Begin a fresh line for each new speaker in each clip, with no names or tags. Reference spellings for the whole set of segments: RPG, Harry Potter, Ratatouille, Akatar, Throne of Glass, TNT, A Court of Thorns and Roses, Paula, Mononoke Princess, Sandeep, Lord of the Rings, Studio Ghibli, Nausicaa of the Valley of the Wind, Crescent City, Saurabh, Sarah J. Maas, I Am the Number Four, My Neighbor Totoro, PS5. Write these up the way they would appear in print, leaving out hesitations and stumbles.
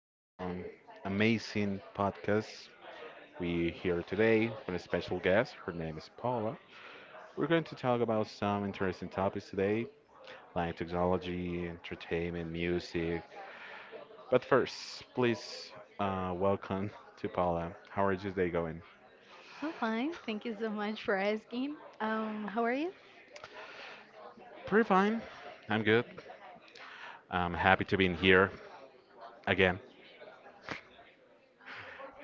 amazing podcast. We're here today with a special guest. Her name is Paula. We're going to talk about some interesting topics today, like technology, entertainment, music. But first, please welcome to Paula. How are you today going?
I'm fine. Thank you so much for asking. How are you?
Pretty fine. I'm good. I'm happy to be in here again.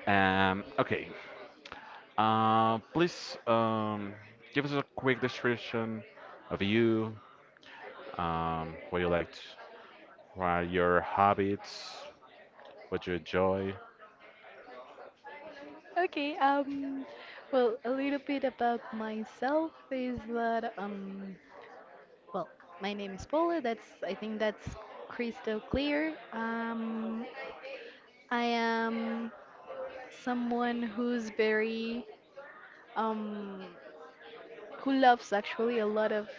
Okay, please give us a quick description of you, what you like, to, what are your habits, what you enjoy.
Okay, um, a little bit about myself is that, well, my name is Paula. I think that's crystal clear. I am someone um, who loves actually a lot of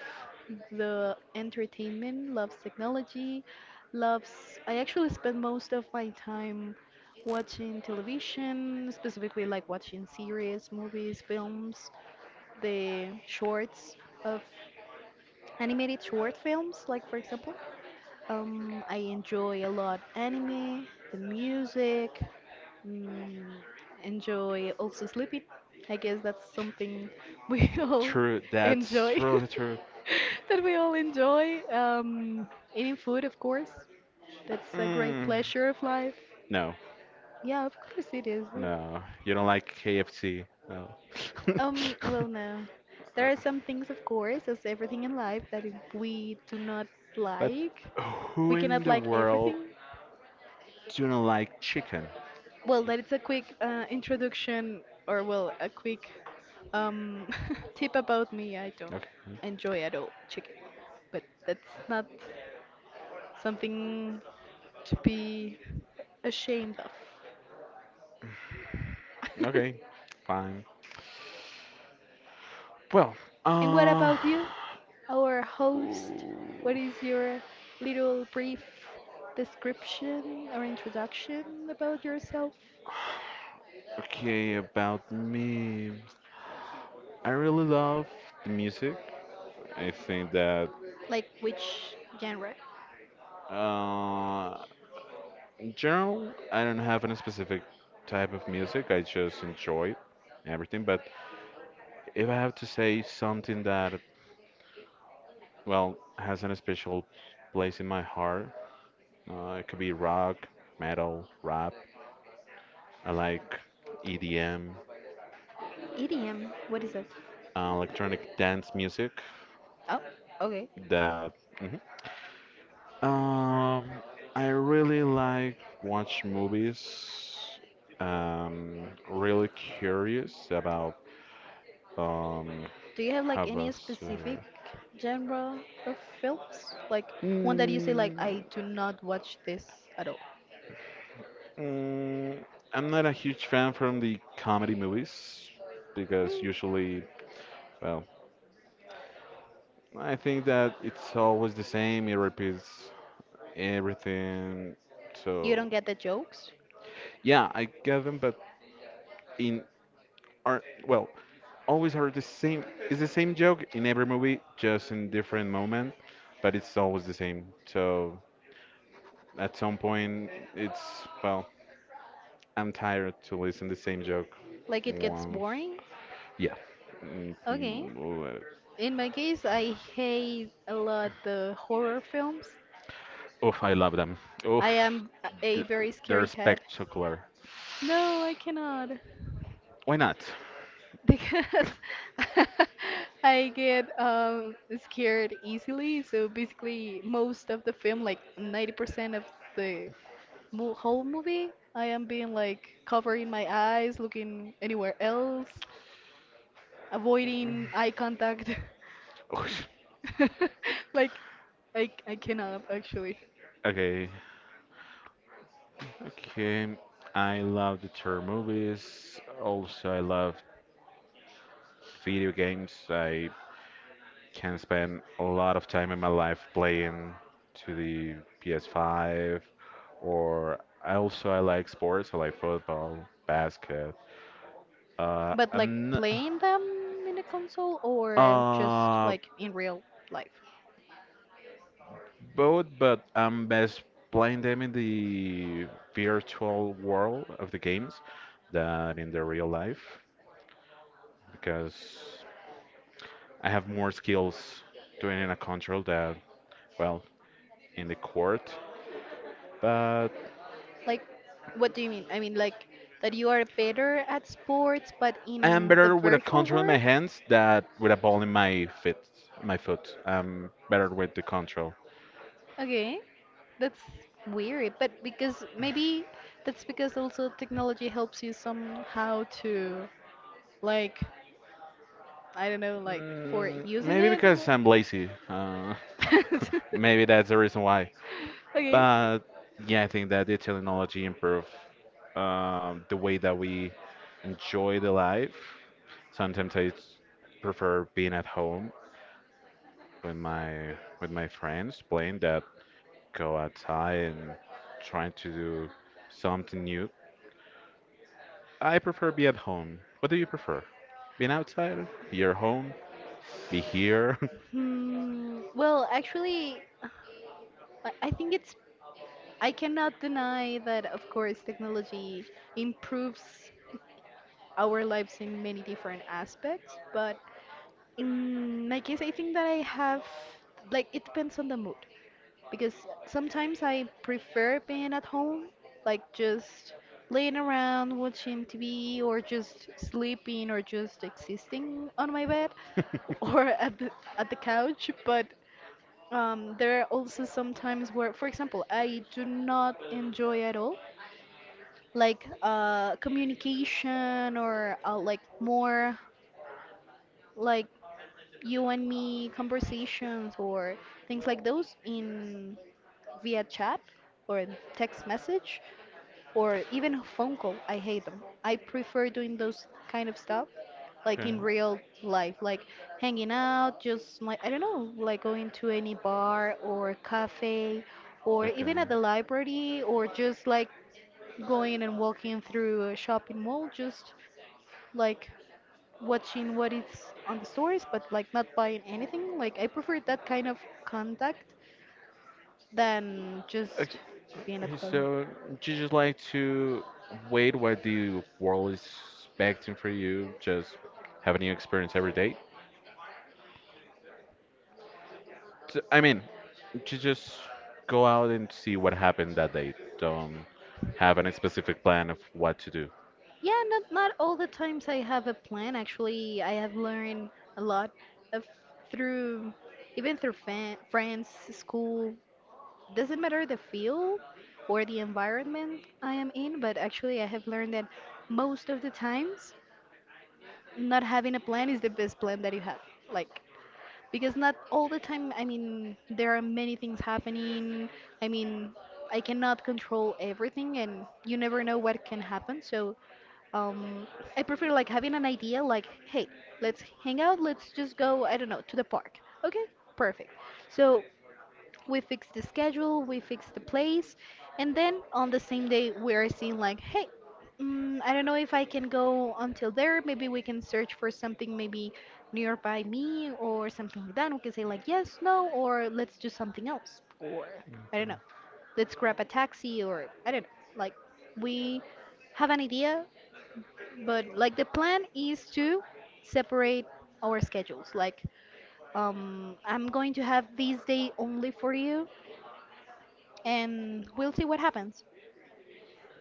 the entertainment, loves technology, loves. I actually spend most of my time watching television, specifically like watching series, movies, films, the shorts of animated short films, like for example. I enjoy a lot anime, the music. Mm, Enjoy also sleeping. I guess that's something we all
True, that's
enjoy.
really true.
That we all enjoy. Eating food, of course. That's a great
Mm,
pleasure of life.
no,
Yeah, of course it is.
no, you don't like KFC, no.
Well, no. There are some things, of course, as everything in life, that if we do not
But
like.
who
We
in
cannot
the
like
world
everything.
do not like chicken?
Well, that is a quick introduction, or well, a quick um, tip about me. I don't
Okay,
enjoy at all chicken, but that's not something to be ashamed of.
okay, fine. Well,
And what
uh,
about you, our host? What is
oof.
your little brief description or introduction about yourself?
Okay, about me. I really love the music. I think that
Like which genre?
uh, in general, I don't have any specific type of music. I just enjoy everything. But if I have to say something that, well, has a special place in my heart, it could be rock, metal, rap. I like EDM,
EDM. What is that?
electronic dance music.
Oh, okay.
That. Mhm. Um, I really like watch movies. Really curious about um
Do you have
how
like any
was
specific genre of films? Like one that you say like
mm,
I do not watch this at all.
mm, I'm not a huge fan from the comedy movies because
Mm.
usually, well, I think that it's always the same. It repeats everything.
You
So
don't get the jokes?
yeah, I get them, but in art, well, always heard the same. It's the same joke in every movie, just in different moment, but it's always the same. So at some point, it's well, I'm tired to listen the same joke
Like it gets
once.
boring?
Yeah. Mm,
Okay. In my case, I hate a lot the horror films.
oof, I love them.
I
Oof,
am a
th-
very
they're
scary cat.
spectacular.
No, I cannot.
Why not?
Because I get scared easily. So basically most of the film, like 90% of the mo whole movie, I am being like covering my eyes, looking anywhere else, avoiding eye contact.
Oof.
Like, I cannot actually.
Okay, okay. I love the terror movies. Also, I love video games. I can spend a lot of time in my life playing to the PS5 or I also I like sports, I like football, basket. Uh,
But like
I'm n-
playing them in a console or just
uh
like in real life?
both, but I'm best playing them in the virtual world of the games than in the real life because I have more skills doing in a control than well in the court. But
Like, what do you mean? I mean, like that you are better at sports, but
I am
in the
better with a
virtual
control in my
world?
hands than with a ball in my feet. My foot. I'm better with the control.
Okay, that's weird, but because maybe that's because also technology helps you somehow to like I don't know, like for
Mm,
using
maybe
it.
because I'm lazy. Maybe that's the reason why.
Okay.
But yeah, I think that the technology improve the way that we enjoy the life. Sometimes prefer being at home with my friends playing that go outside and trying to do something new. I prefer be at home. What do you prefer? Being outside, be your home, be here.
Hmm. Well, actually, I think it's I cannot deny that of course technology improves our lives in many different aspects, but in my case, I think that I have like it depends on the mood. Because sometimes I prefer being at home, like just laying around watching TV or just sleeping or just existing on my bed or at the couch, but there are also some times where, for example, I do not enjoy at all, like communication or like more like you and me conversations or things like those in via chat or text message or even a phone call. I hate them. I prefer doing those kind of stuff like
Okay.
in real life, like hanging out, just like I don't know, like going to any bar or cafe or
Okay.
even at the library or just like going and walking through a shopping mall just like watching what is on the stores but like not buying anything. Like I prefer that kind of contact than just
Okay.
being at
Okay.
home.
So do you just like to wait what the world is expecting for you. Just have a new experience every day. So, I mean, you just go out and see what happened that day. Don't have any specific plan of what to do.
Yeah, not all the times I have a plan. Actually, I have learned a lot of through even through fan, friends, school. Doesn't matter the field or the environment I am in, but actually I have learned that most of the times not having a plan is the best plan that you have. Like because not all the time I mean there are many things happening I mean I cannot control everything and you never know what can happen so um I prefer like having an idea like hey let's hang out let's just go I don't know to the park okay perfect so we fix the schedule, we fix the place, and then on the same day we are seeing like, hey, I don't know if I can go until there. Maybe we can search for something maybe nearby me or something like that. We can say like yes, no, or let's do something else, or I don't know, let's grab a taxi, or I don't know. Like we have an idea, but like the plan is to separate our schedules. Like I'm going to have this day only for you and we'll see what happens.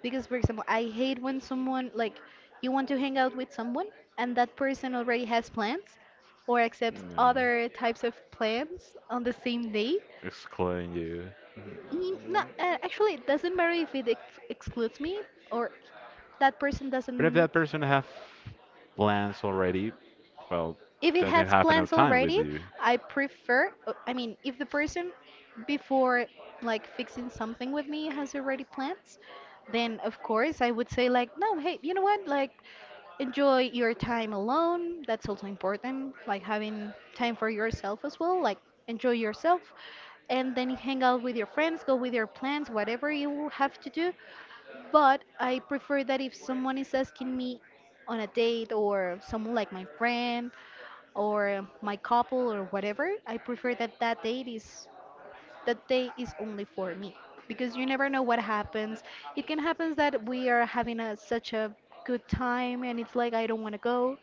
Because, for example, I hate when someone, like, you want to hang out with someone and that person already has plans or
Yeah.
accepts other types of plans on the same day.
Excluding you.
Mm, no, actually, it doesn't matter if it excludes me or that person
But if
doesn't.
that person have plans already, well,
If it
doesn't
has
have enough
plans
time with
already,
you.
I prefer, I mean, if the person before like fixing something with me has already plans, then of course I would say like, no, hey, you know what? Like enjoy your time alone. That's also important, like having time for yourself as well, like enjoy yourself and then hang out with your friends, go with your plans, whatever you have to do. But I prefer that if someone is asking me on a date or someone like my friend or my couple or whatever, I prefer that that date is that day is only for me because you never know what happens. It can happen that we are having such a good time and it's like I don't want to go,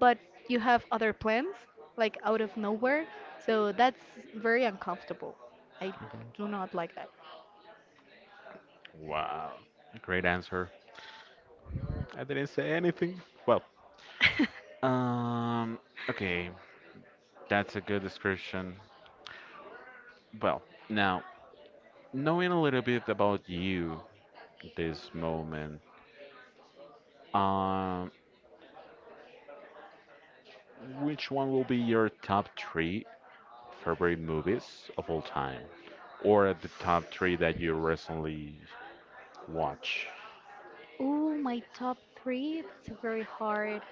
but you have other plans like out of nowhere. So that's very uncomfortable. I
Okay.
do not like that.
Wow. Great answer. I didn't say anything. Well, um, okay, that's a good description. Well, now, knowing a little bit about you, this moment, um. Which one will be your top three favorite movies of all time? Or the top three that you recently watch?
Oh, my top three. That's very hard.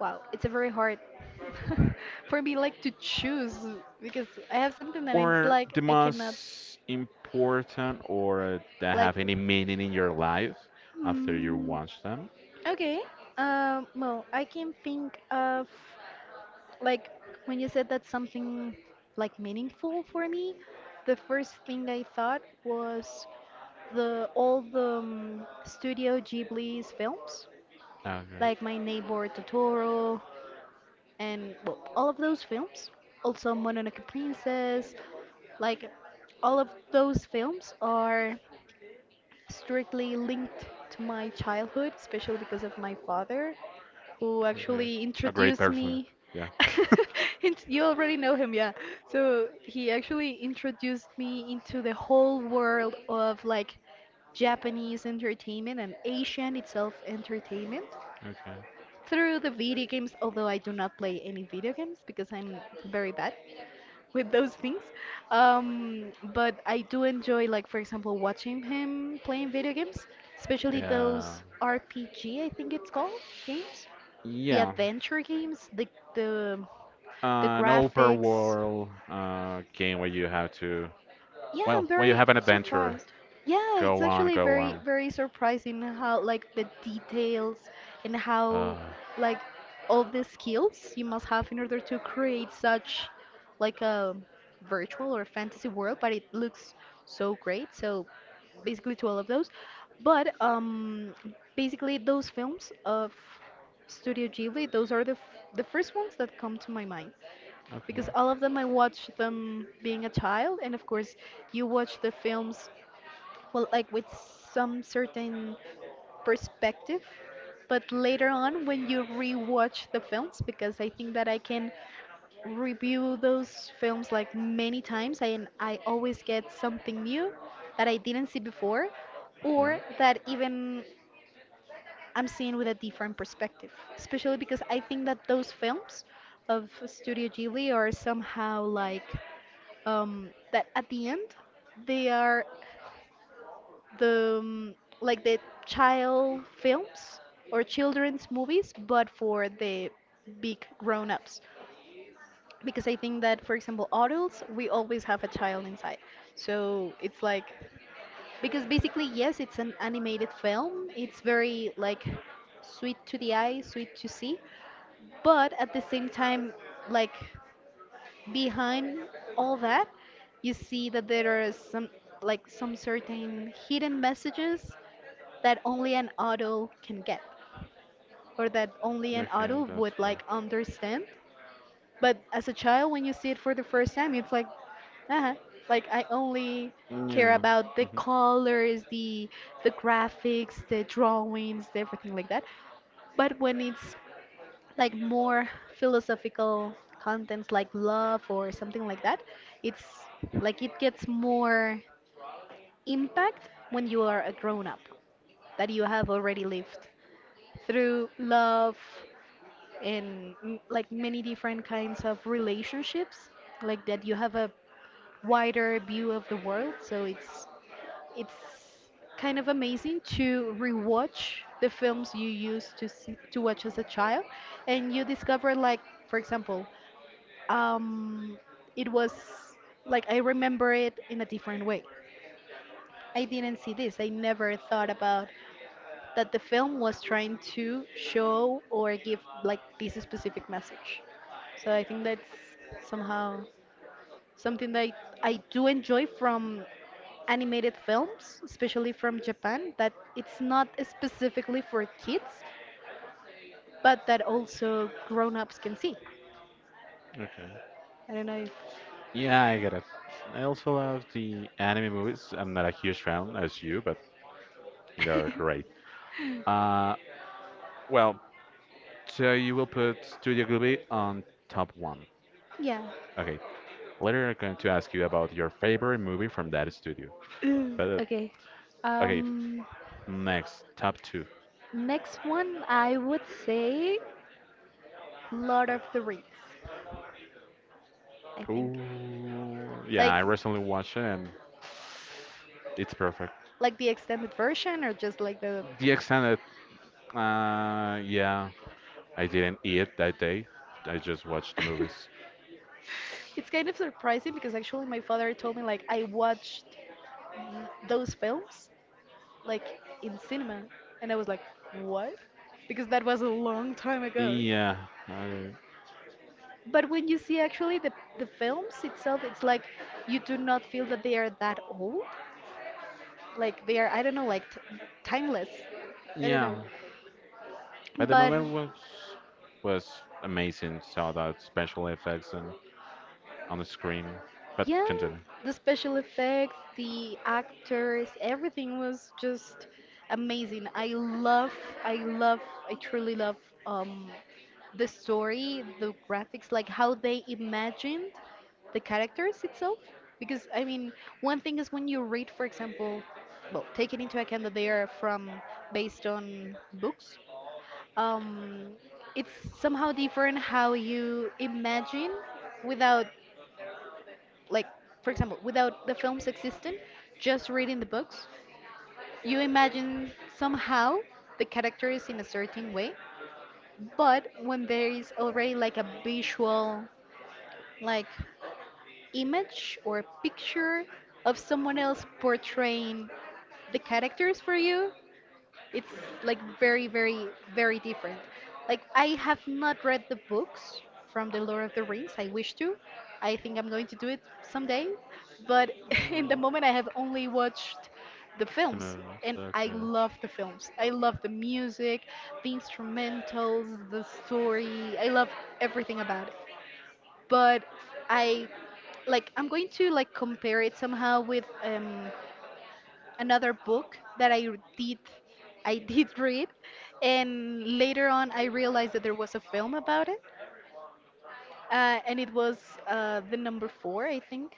Wow, it's a very hard for me like to choose because I have something and it's
Or
like
the
I cannot
most important or that
like.
have any meaning in your life after you
Hmm.
watch them?
Okay. Well, I can think of like when you said that something like meaningful for me, the first thing I thought was the all the Studio Ghibli's films,
Okay.
like My Neighbor Totoro, and well, all of those films, also Mononoke Princess, like all of those films are strictly linked to my childhood, especially because of my father, who
Okay.
actually
A great
introduced
person.
me.
Yeah.
You already know him, yeah. So he actually introduced me into the whole world of like Japanese entertainment and Asian itself entertainment
Okay.
through the video games, although I do not play any video games because I'm very bad with those things. But I do enjoy, like, for example, watching him playing video games, especially
Yeah.
those RPG, I think it's called, games. The
Yeah.
adventure games, the, the
An open
graphics.
world game where you have to,
Yeah,
well,
I'm
where you
very
have an adventure.
surprised. Yeah, it's
Go on,
actually
go
very,
on.
very surprising how, like, the details and how,
Ah,
like, all the skills you must have in order to create such, like, a virtual or fantasy world, but it looks so great. So, basically, to all of those. But, basically, those films of Studio Ghibli, those are the first ones that come to my mind
okay.
because all of them I watched them being a child, and of course, you watch the films, well, like with some certain perspective. But later on, when you rewatch the films, because I think that I can review those films like many times, I, and I always get something new that I didn't see before,
Mm,
or that even I'm seeing with a different perspective. Especially because I think that those films of Studio Ghibli are somehow like that at the end they are the like the child films or children's movies, but for the big grown-ups. Because I think that, for example, adults, we always have a child inside. So it's like, because basically, yes, it's an animated film. It's very like sweet to the eye, sweet to see, but at the same time, like behind all that, you see that there are some like some certain hidden messages that only an adult can get or that only an
okay,
adult
that's
would
fair.
like understand. But as a child, when you see it for the first time, it's uh like I only care
Yeah.
about the
Hmm.
colors, the graphics, the drawings, the everything like that. But when it's like more philosophical contents like love or something like that it's like it gets more impact when you are a grown up that you have already lived through love and like many different kinds of relationships like that you have a wider view of the world so it's kind of amazing to rewatch the films you used to see, to watch as a child and you discover like for example um, it was like I remember it in a different way. I didn't see this. I never thought about that the film was trying to show or give like this specific message. So I think that's somehow something that I do enjoy from animated films, especially from Japan, that it's not specifically for kids, but that also grown-ups can see.
Okay.
I don't know if,
Yeah, I get it. I also love the anime movies. I'm not a huge fan as you, but they're great. Uh, well, so you will put Studio Ghibli on top one.
yeah.
Okay. Later, I'm going to ask you about your favorite movie from that studio. But
Okay.
okay,
Um,
next top two.
Next one, I would say Lord of the Rings, I think.
Ooh, yeah, I
Like,
recently watched it and it's perfect.
like the extended version or just like the.
The extended, yeah, I didn't eat that day. I just watched the movies.
It's kind of surprising because actually my father told me like I watched those films like in cinema, and I was like, what? Because that was a long time ago.
Yeah, I,
But when you see actually the films itself, it's like you do not feel that they are that old. Like they are I don't know like timeless. I don't
yeah.
know.
But the
But
moment was amazing. Saw that special effects and on the screen. But
yeah,
continue.
the special effects, the actors, everything was just amazing. I love, I truly love um, the story, the graphics, like how they imagined the characters itself. Because I mean, one thing is when you read, for example, well, taking into account that they are from based on books, um, it's somehow different how you imagine without, like, for example, without the films existing, just reading the books. You imagine somehow the characters in a certain way, but when there is already like a visual, like, image or picture of someone else portraying the characters for you, it's like very different. Like I have not read the books from The Lord of the Rings. I wish to. I think I'm going to do it someday. But in the moment, I have only watched the
The
films,
movies.
and I
Okay.
love the films. I love the music, the instrumentals, the story. I love everything about it. But I I'm going to like compare it somehow with another book that I did read, and later on I realized that there was a film about it, and it was the number four, I think.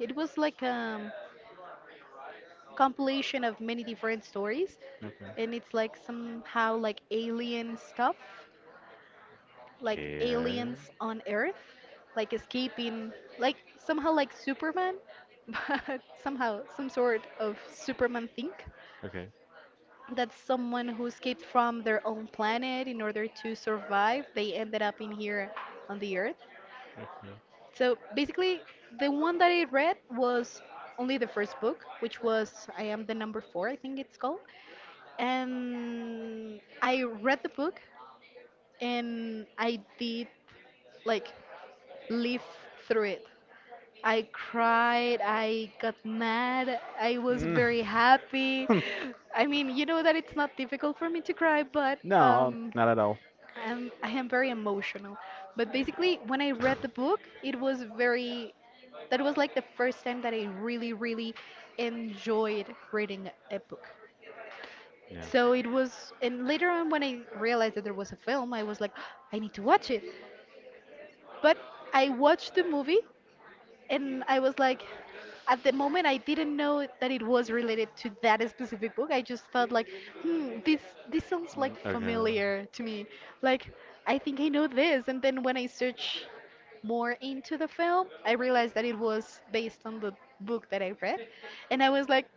It was like a compilation of many different stories,
Okay.
and it's like somehow like alien stuff, like
Okay.
aliens on Earth, like escaping, like somehow like Superman, but somehow some sort of Superman thing.
Okay.
That's someone who escaped from their own planet in order to survive. They ended up in here on the Earth.
Okay.
So basically, the one that I read was only the first book, which was I Am the Number Four, I think it's called. And I read the book and I did like live through it. I cried, I got mad, I was
Mm.
very happy. I mean, you know that it's not difficult for me to cry, but
no, not at all.
I am very emotional. But basically, when I read the book, it was very, that was like the first time that I really, really enjoyed reading a book.
Yeah.
So it was, and later on when I realized that there was a film, I was like, I need to watch it. But I watched the movie and I was like, at the moment, I didn't know that it was related to that specific book. I just thought like, hmm, this sounds
Mm,
like
okay.
familiar to me. Like, I think I know this. And then when I search more into the film, I realized that it was based on the book that I read, and I was like,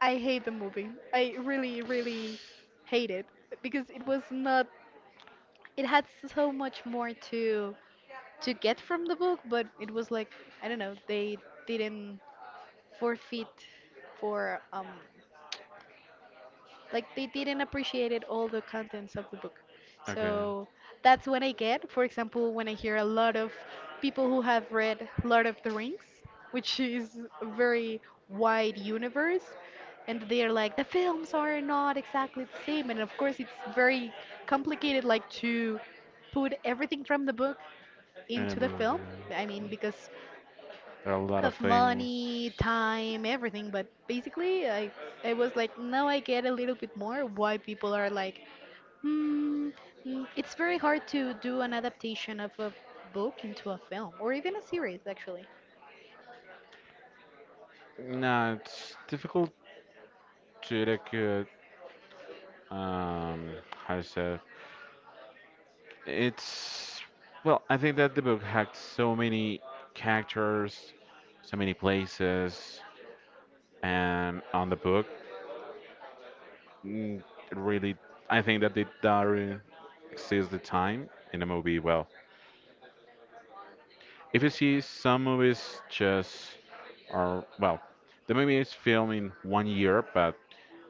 I hate the movie. I really, really hate it because it was not. It had so much more to get from the book, but it was like I don't know. They didn't forfeit for like they didn't appreciate it all the contents of the book,
Okay.
so that's what I get for example when I hear a lot of people who have read Lord of the Rings, which is a very wide universe, and they're like the films are not exactly the same, and of course it's very complicated like to put everything from the book
In a
into the
movie.
film, I mean because
There are a lot of
of
things.
money, time, everything. But basically, I was like, now I get a little bit more why people are like, hmm, mm, it's very hard to do an adaptation of a book into a film or even a series, actually.
No, it's difficult to look at how to say it's well I think that the book had so many characters, so many places, and on the book, mm, really I think that it doesn't exist the time in a movie. Well, if you see some movies just are well the movie is filmed in 1 year but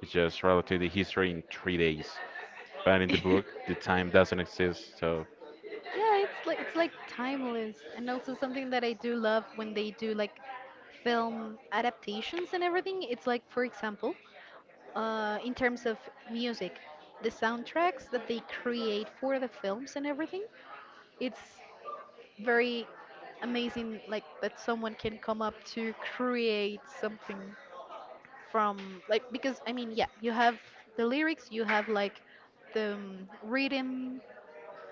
it's just relative the history in 3 days, but in the book the time doesn't exist. So
Yeah, it's like timeless, and also something that I do love when they do like film adaptations and everything. It's like, for example, in terms of music, the soundtracks that they create for the films and everything, it's very amazing like that someone can come up to create something from like because I mean yeah you have the lyrics, you have like the rhythm,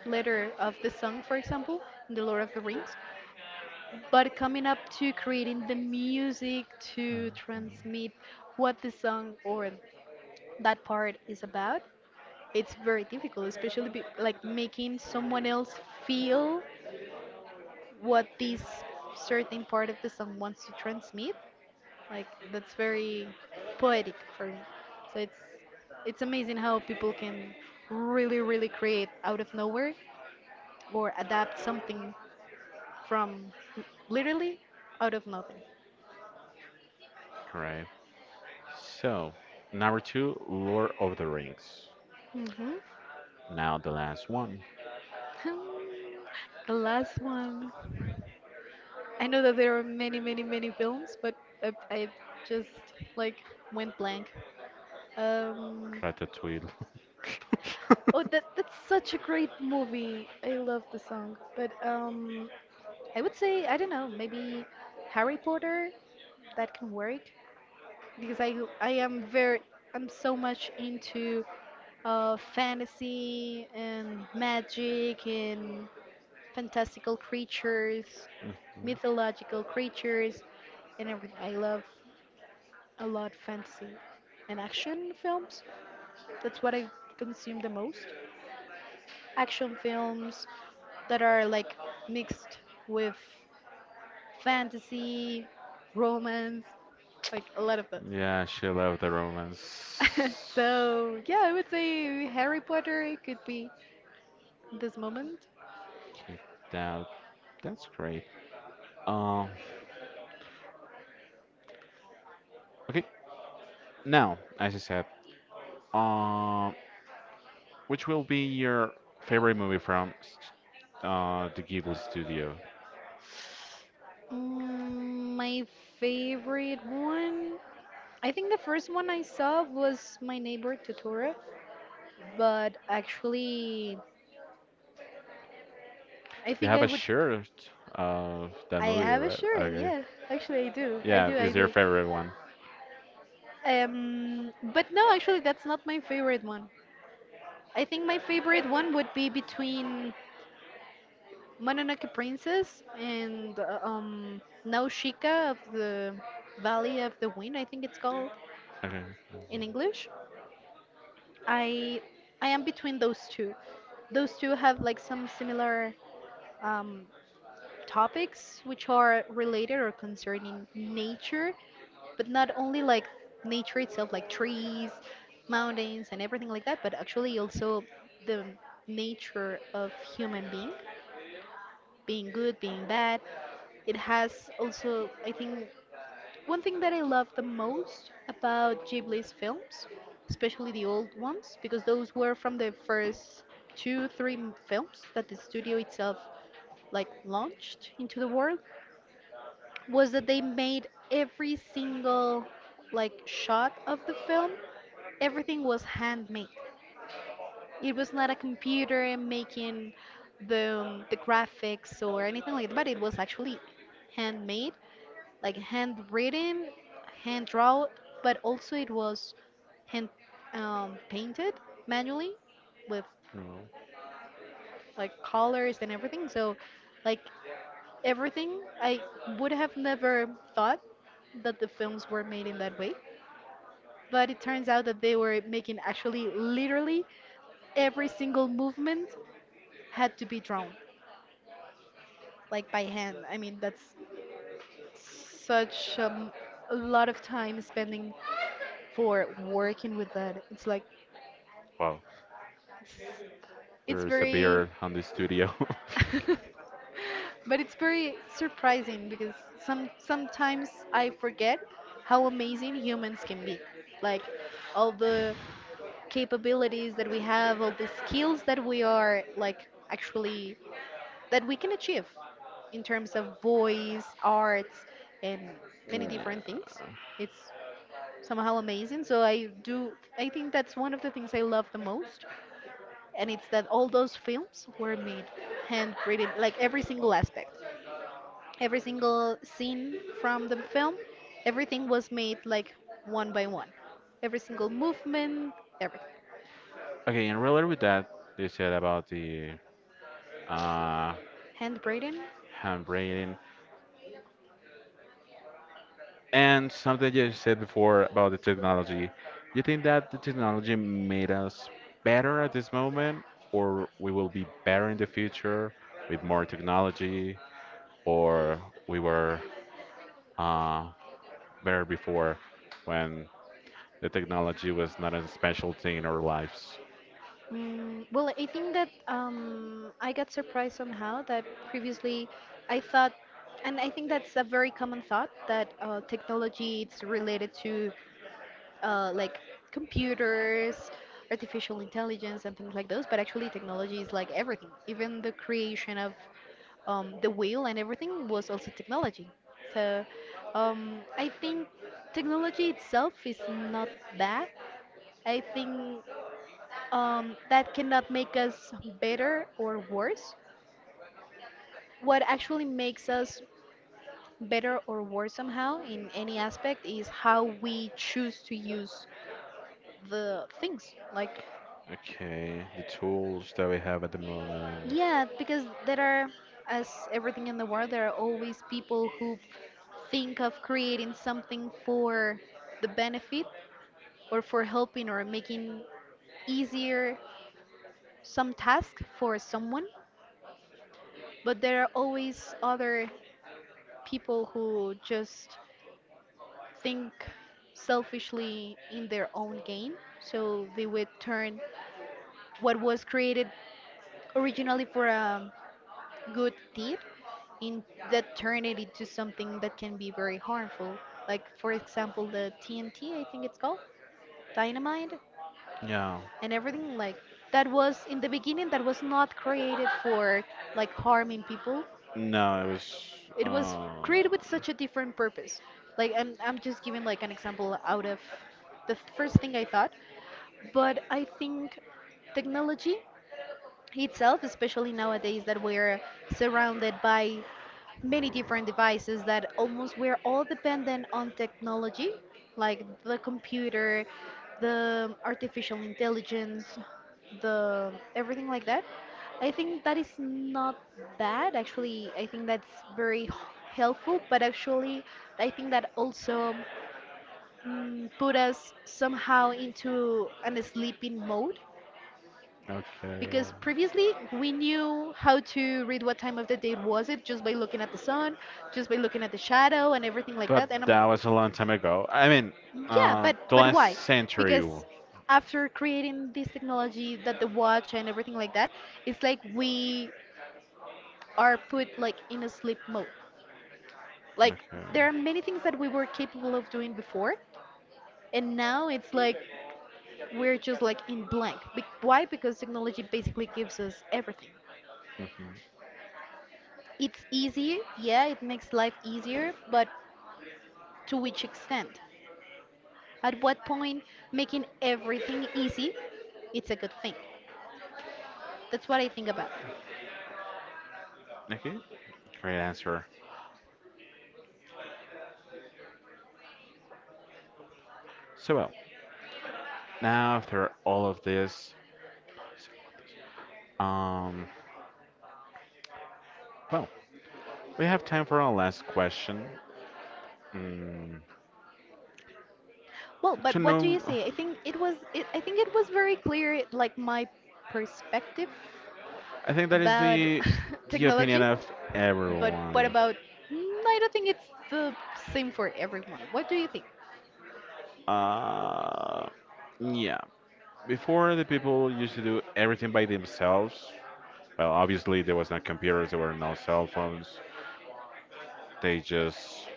letter of the song, for example, in the Lord of the Rings, but coming up to creating the music to transmit what the song or that part is about, it's very difficult, especially like making someone else feel what this certain part of the song wants to transmit. Like that's very poetic for me. So it's amazing how people can really really create out of nowhere or adapt something from l- literally out of nothing.
right. So, number two, Lord of the Rings.
Hmm.
Now the last one,
The last one. I know that there are many many many films, but I just like went blank. Um,
Ratatouille.
Oh, that that's such a great movie. I love the song. But I would say I don't know, maybe Harry Potter. That can work because I am very I'm so much into fantasy and magic and fantastical creatures, mythological creatures, and everything. I love a lot fantasy and action films. That's what I consume the most. Action films, that are like mixed with fantasy, romance, like a lot of
yeah, she loved the
those.
romance.
So yeah, I would say Harry Potter it could be this moment.
Okay, that, that's great. Um, okay, now, as I said, um, which will be your favorite movie from the Ghibli studio?
Mm, my favorite one. I think the first one I saw was My Neighbor Totoro, but actually, I
You
think
have
I
a
would.
shirt of that
I
movie,
have a
right?
shirt,
Okay.
yeah. Actually, I do. I
Yeah,
do. I
is your
do.
favorite one.
But no, actually, that's not my favorite one. I think my favorite one would be between Mononoke Princess and Nausicaa of the Valley of the Wind, I think it's called
Okay.
in English. I I am between those two. Those two have like some similar um, topics which are related or concerning nature, but not only like nature itself, like trees, mountains, and everything like that, but actually also the nature of human being, being good, being bad. It has also, I think, one thing that I love the most about Ghibli's films, especially the old ones, because those were from the first two, three films that the studio itself like launched into the world, was that they made every single like shot of the film, everything was handmade. It was not a computer making the graphics or anything like that, but it was actually handmade, like handwritten, hand drawn, but also it was hand painted manually with
No.
like colors and everything. So, like everything, I would have never thought that the films were made in that way. But it turns out that they were making actually literally every single movement had to be drawn, like by hand. I mean, that's such a lot of time spending for working with that. It's like
Wow.
it's
There's a
very
beer on the studio.
but it's very surprising because sometimes I forget how amazing humans can be. Like all the capabilities that we have, all the skills that we are like actually that we can achieve in terms of voice, arts and many different things.
yeah.
It's somehow amazing. So I do I think that's one of the things I love the most, and it's that all those films were made handwritten, like every single aspect, every single scene from the film, everything was made like one by one, every single movement, everything
Okay, and related with that, they said about the uh,
handwritten.
handwriting and something you said before about the technology. You think that the technology made us better at this moment, or we will be better in the future with more technology, or we were uh, better before when the technology was not a special thing in our lives?
Mm, well, I think that I got surprised somehow that previously I thought, and I think that's a very common thought that technology it's related to like computers, artificial intelligence, and things like those. But actually, technology is like everything. Even the creation of the wheel and everything was also technology. So I think technology itself is not bad. I think that cannot make us better or worse. What actually makes us better or worse somehow in any aspect is how we choose to use the things. Like
Okay, the tools that we have at the moment.
yeah, because there are, as everything in the world, there are always people who think of creating something for the benefit or for helping or making easier some task for someone. But there are always other people who just think selfishly in their own gain. So they would turn what was created originally for a good tip in that turn it into something that can be very harmful. Like for example, the TNT, I think it's called dynamite,
Yeah.
and everything like that was in the beginning that was not created for like harming people.
No, it was.
It was
Uh,
created with such a different purpose. Like I'm just giving like an example out of the first thing I thought, but I think technology itself, especially nowadays that we're surrounded by many different devices that almost we're all dependent on technology, like the computer, the artificial intelligence, the everything like that. I think that is not bad. Actually, I think that's very helpful, but actually, I think that also put us somehow into an sleeping mode
okay.
because previously we knew how to read what time of the day was it just by looking at the sun, just by looking at the shadow and everything like
But
that and I'm
that was a long time ago. I mean,
yeah
the
but
last
why
century.
because after creating this technology that the watch and everything like that, it's like we are put like in a sleep mode, like
Okay.
there are many things that we were capable of doing before and now it's like we're just like in blank. Why? Because technology basically gives us everything.
Hmm.
It's easy, yeah, it makes life easier, but to which extent? At what point making everything easy, it's a good thing. That's what I think about.
Okay. Great answer. So well, now after all of this, um, well, we have time for our last question. Mm,
Well,
to
but what do
know,
you say? I think it was very clear like my perspective
I think that is
about
the
technology,
opinion of
but what
everyone.
about, Mm, I don't think it's the same for everyone. What do you think?
Uh, yeah. Before the people used to do everything by themselves. Well, obviously there was no computers, there were no cell phones. They just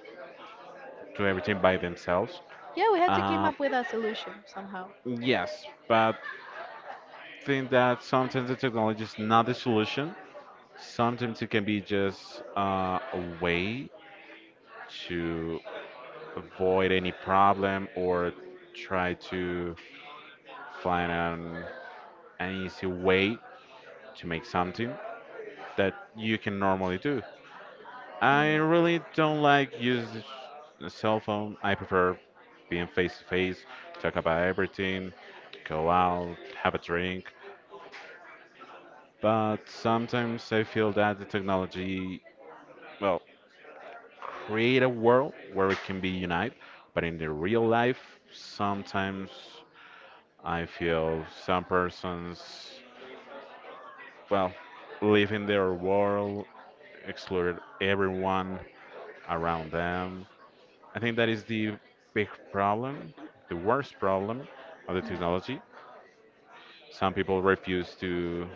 do everything by themselves.
Yeah, we had to come
Uh,
up with a solution somehow.
yes, but think that sometimes the technology is not the solution. Sometimes it can be just a way to avoid any problem or try to find an easy way to make something that you can normally do. I really don't like using the cell phone. I prefer being face to face, talk about everything, go out, have a drink. But sometimes I feel that the technology, well, create a world where it can be unite. But in the real life, sometimes I feel some persons, well, live in their world, exclude everyone around them. I think that is the big problem, the worst problem of the technology. Some people refuse to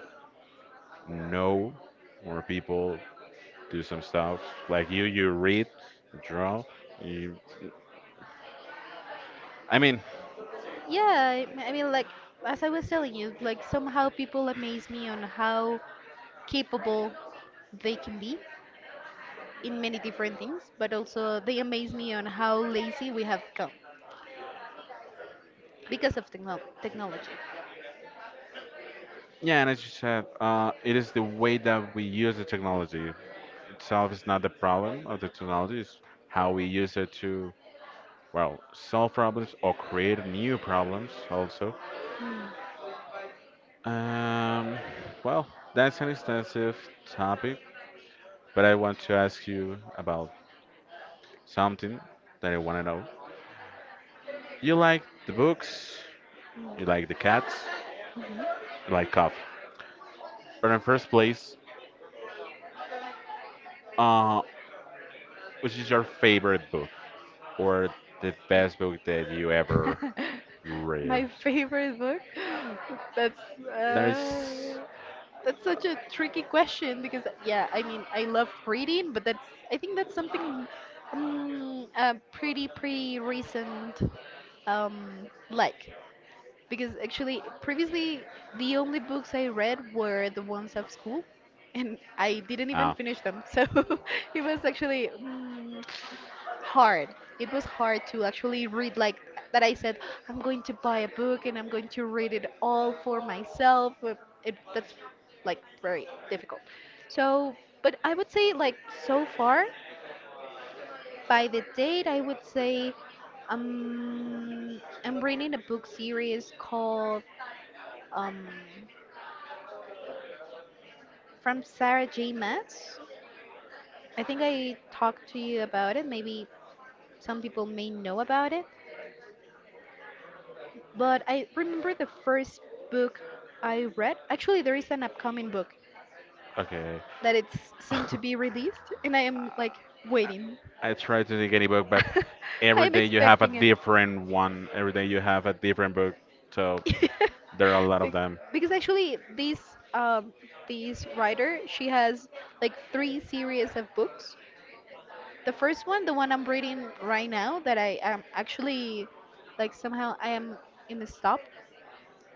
know, or people do some stuff like you. You read, you draw. You, I mean,
Yeah, I mean, like, as I was telling you, like, somehow people amaze me on how capable they can be in many different things, but also they amaze me on how lazy we have come because of technology.
yeah, and as you said, it is the way that we use the technology itself is not the problem of the technology. It's how we use it to well solve problems or create new problems also.
Mm.
Um, well, that's an extensive topic, but I want to ask you about something that I want to know. You like the books, you like the cats, you like coffee. But in first place, uh, which is your favorite book or the best book that you ever read?
My favorite book? That's
There is.
uh, that's such a tricky question because yeah, I mean, I love reading, but that's I think that's something pretty recent um, like. Because actually, previously, the only books I read were the ones of school, and I didn't even
Ah,
finish them. So it was actually hard. It was hard to actually read, like that I said, I'm going to buy a book and I'm going to read it all for myself. But that's like very difficult. So, but I would say, like, so far, by the date, I would say I'm reading a book series called um, from Sarah J. Maas. I think I talked to you about it. Maybe some people may know about it. But I remember the first book I read. Actually, there is an upcoming book
okay.
that it's soon to be released, and I am like waiting.
I try to think any book, but
I
every
am
day you have a
expecting it.
different one. Every day you have a different book, so there are a lot of
Be-
them.
because actually, this this writer she has like three series of books. The first one, the one I'm reading right now, that I am actually like somehow I am in the stop.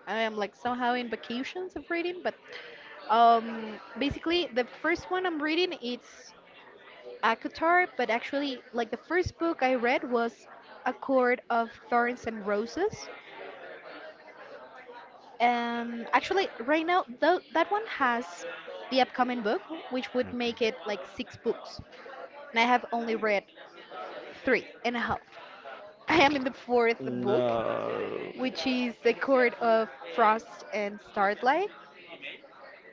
I am like somehow in vacations of reading, but basically the first one I'm reading it's Akatar, but actually like the first book I read was A Court of Thorns and Roses. Actually right now though that one has the upcoming book, which would make
Okay.
it like six books. And I have only read three and a half. I am in the fourth book,
No.
which is the Court of Frost and Starlight.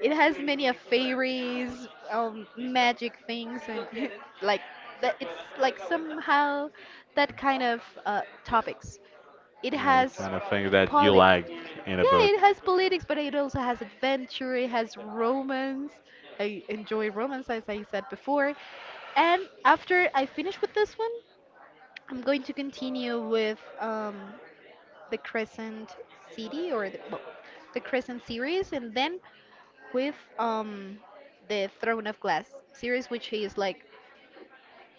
It has many of fairies, magic things, and like that. It's like somehow that kind of topics. It
Yeah, the
has
kind of things that you
poli.
liked in a
Yeah,
book.
it has politics, but it also has adventure. It has romance. I enjoy romance, as I said before. And after I finish with this one, I'm going to continue with the Crescent City or the, well, the Crescent series, and then with the Throne of Glass series, which is like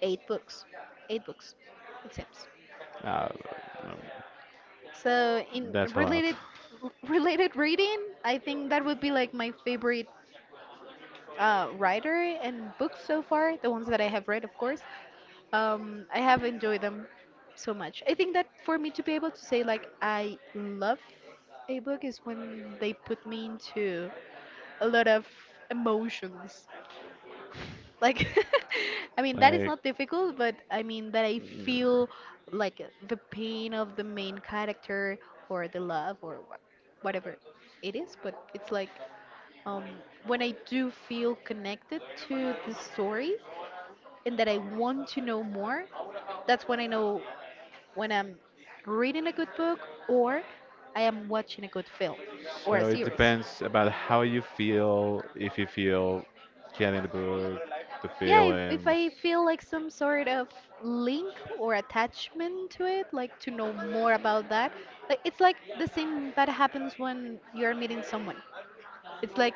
eight books, eight books, it seems.
Uh, um,
So in
that's a lot.
related reading, I think that would be like my favorite writer and books so far. The ones that I have read, of course, I have enjoyed them so much. I think that for me to be able to say like I love a book is when they put me into a lot of emotions. Like, I mean, that is
Like,
not difficult, but I mean that I
mm,
feel like the pain of the main character or the love or whatever it is, but it's like um, when I do feel connected to the story and that I want to know more, that's when I know when I'm reading a good book or I am watching a good film or a
so it
series.
depends about how you feel, if you feel getting the book, the
Yeah, if
feelings.
I feel like some sort of link or attachment to it, like to know more about that, like it's like the same that happens when you're meeting someone, it's like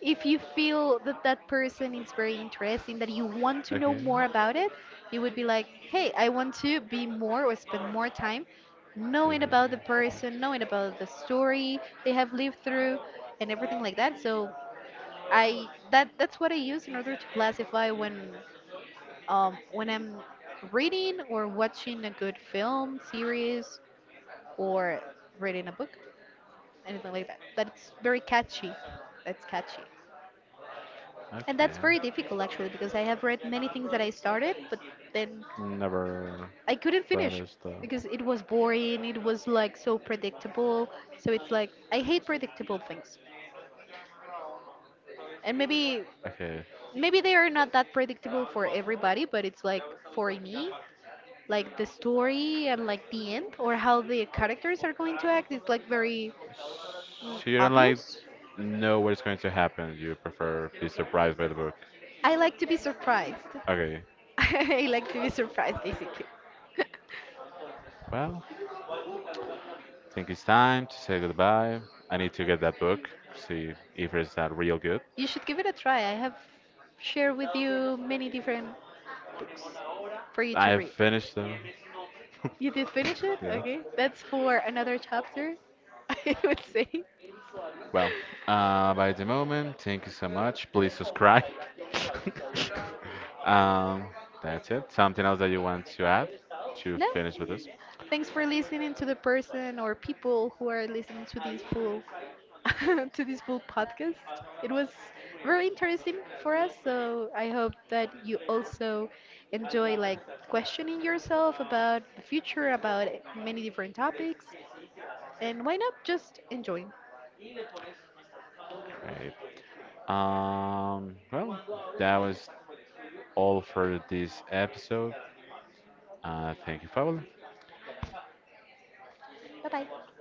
if you feel that that person is very interesting that you want to know
Okay.
more about it, you would be like, hey, I want to be more or spend more time knowing
Feelings.
about the person, knowing about the story they have lived through and everything like that. So I that that's what I use in order to classify when I'm reading or watching a good film, series, or reading a book, anything like that. But it's very catchy. That's catchy. And that's
Okay.
very difficult actually because I have read many things that I started, but then
Never
I couldn't
thought
finish
of stuff.
because it was boring, it was like so predictable. So it's like I hate predictable things. And
Okay.
maybe they are not that predictable for everybody, but it's like for me, like the story and like the end or how the characters are going to act is like very
So you don't like
obvious.
know what is going to happen. You prefer be surprised by the book.
I like to be surprised.
Okay.
I like to be surprised basically.
Well, I think it's time to say goodbye. I need to get that book, see if it's that real good.
You should give it a try. I have shared with you many different for you to
I've
read.
finished them.
You did finish it?
yeah.
Okay. That's for another chapter, I would say.
Well, by the moment, thank you so much. Please subscribe. um, that's it. Something else that you want to add to
No.
finish with this?
Thanks for listening to the person or people who are listening to this full to this full podcast. It was very interesting for us, so I hope that you also enjoy like questioning yourself about the future, about many different topics, and why not just enjoy.
Great. Well, that was all for this episode. Thank you, Paul.
Bye bye.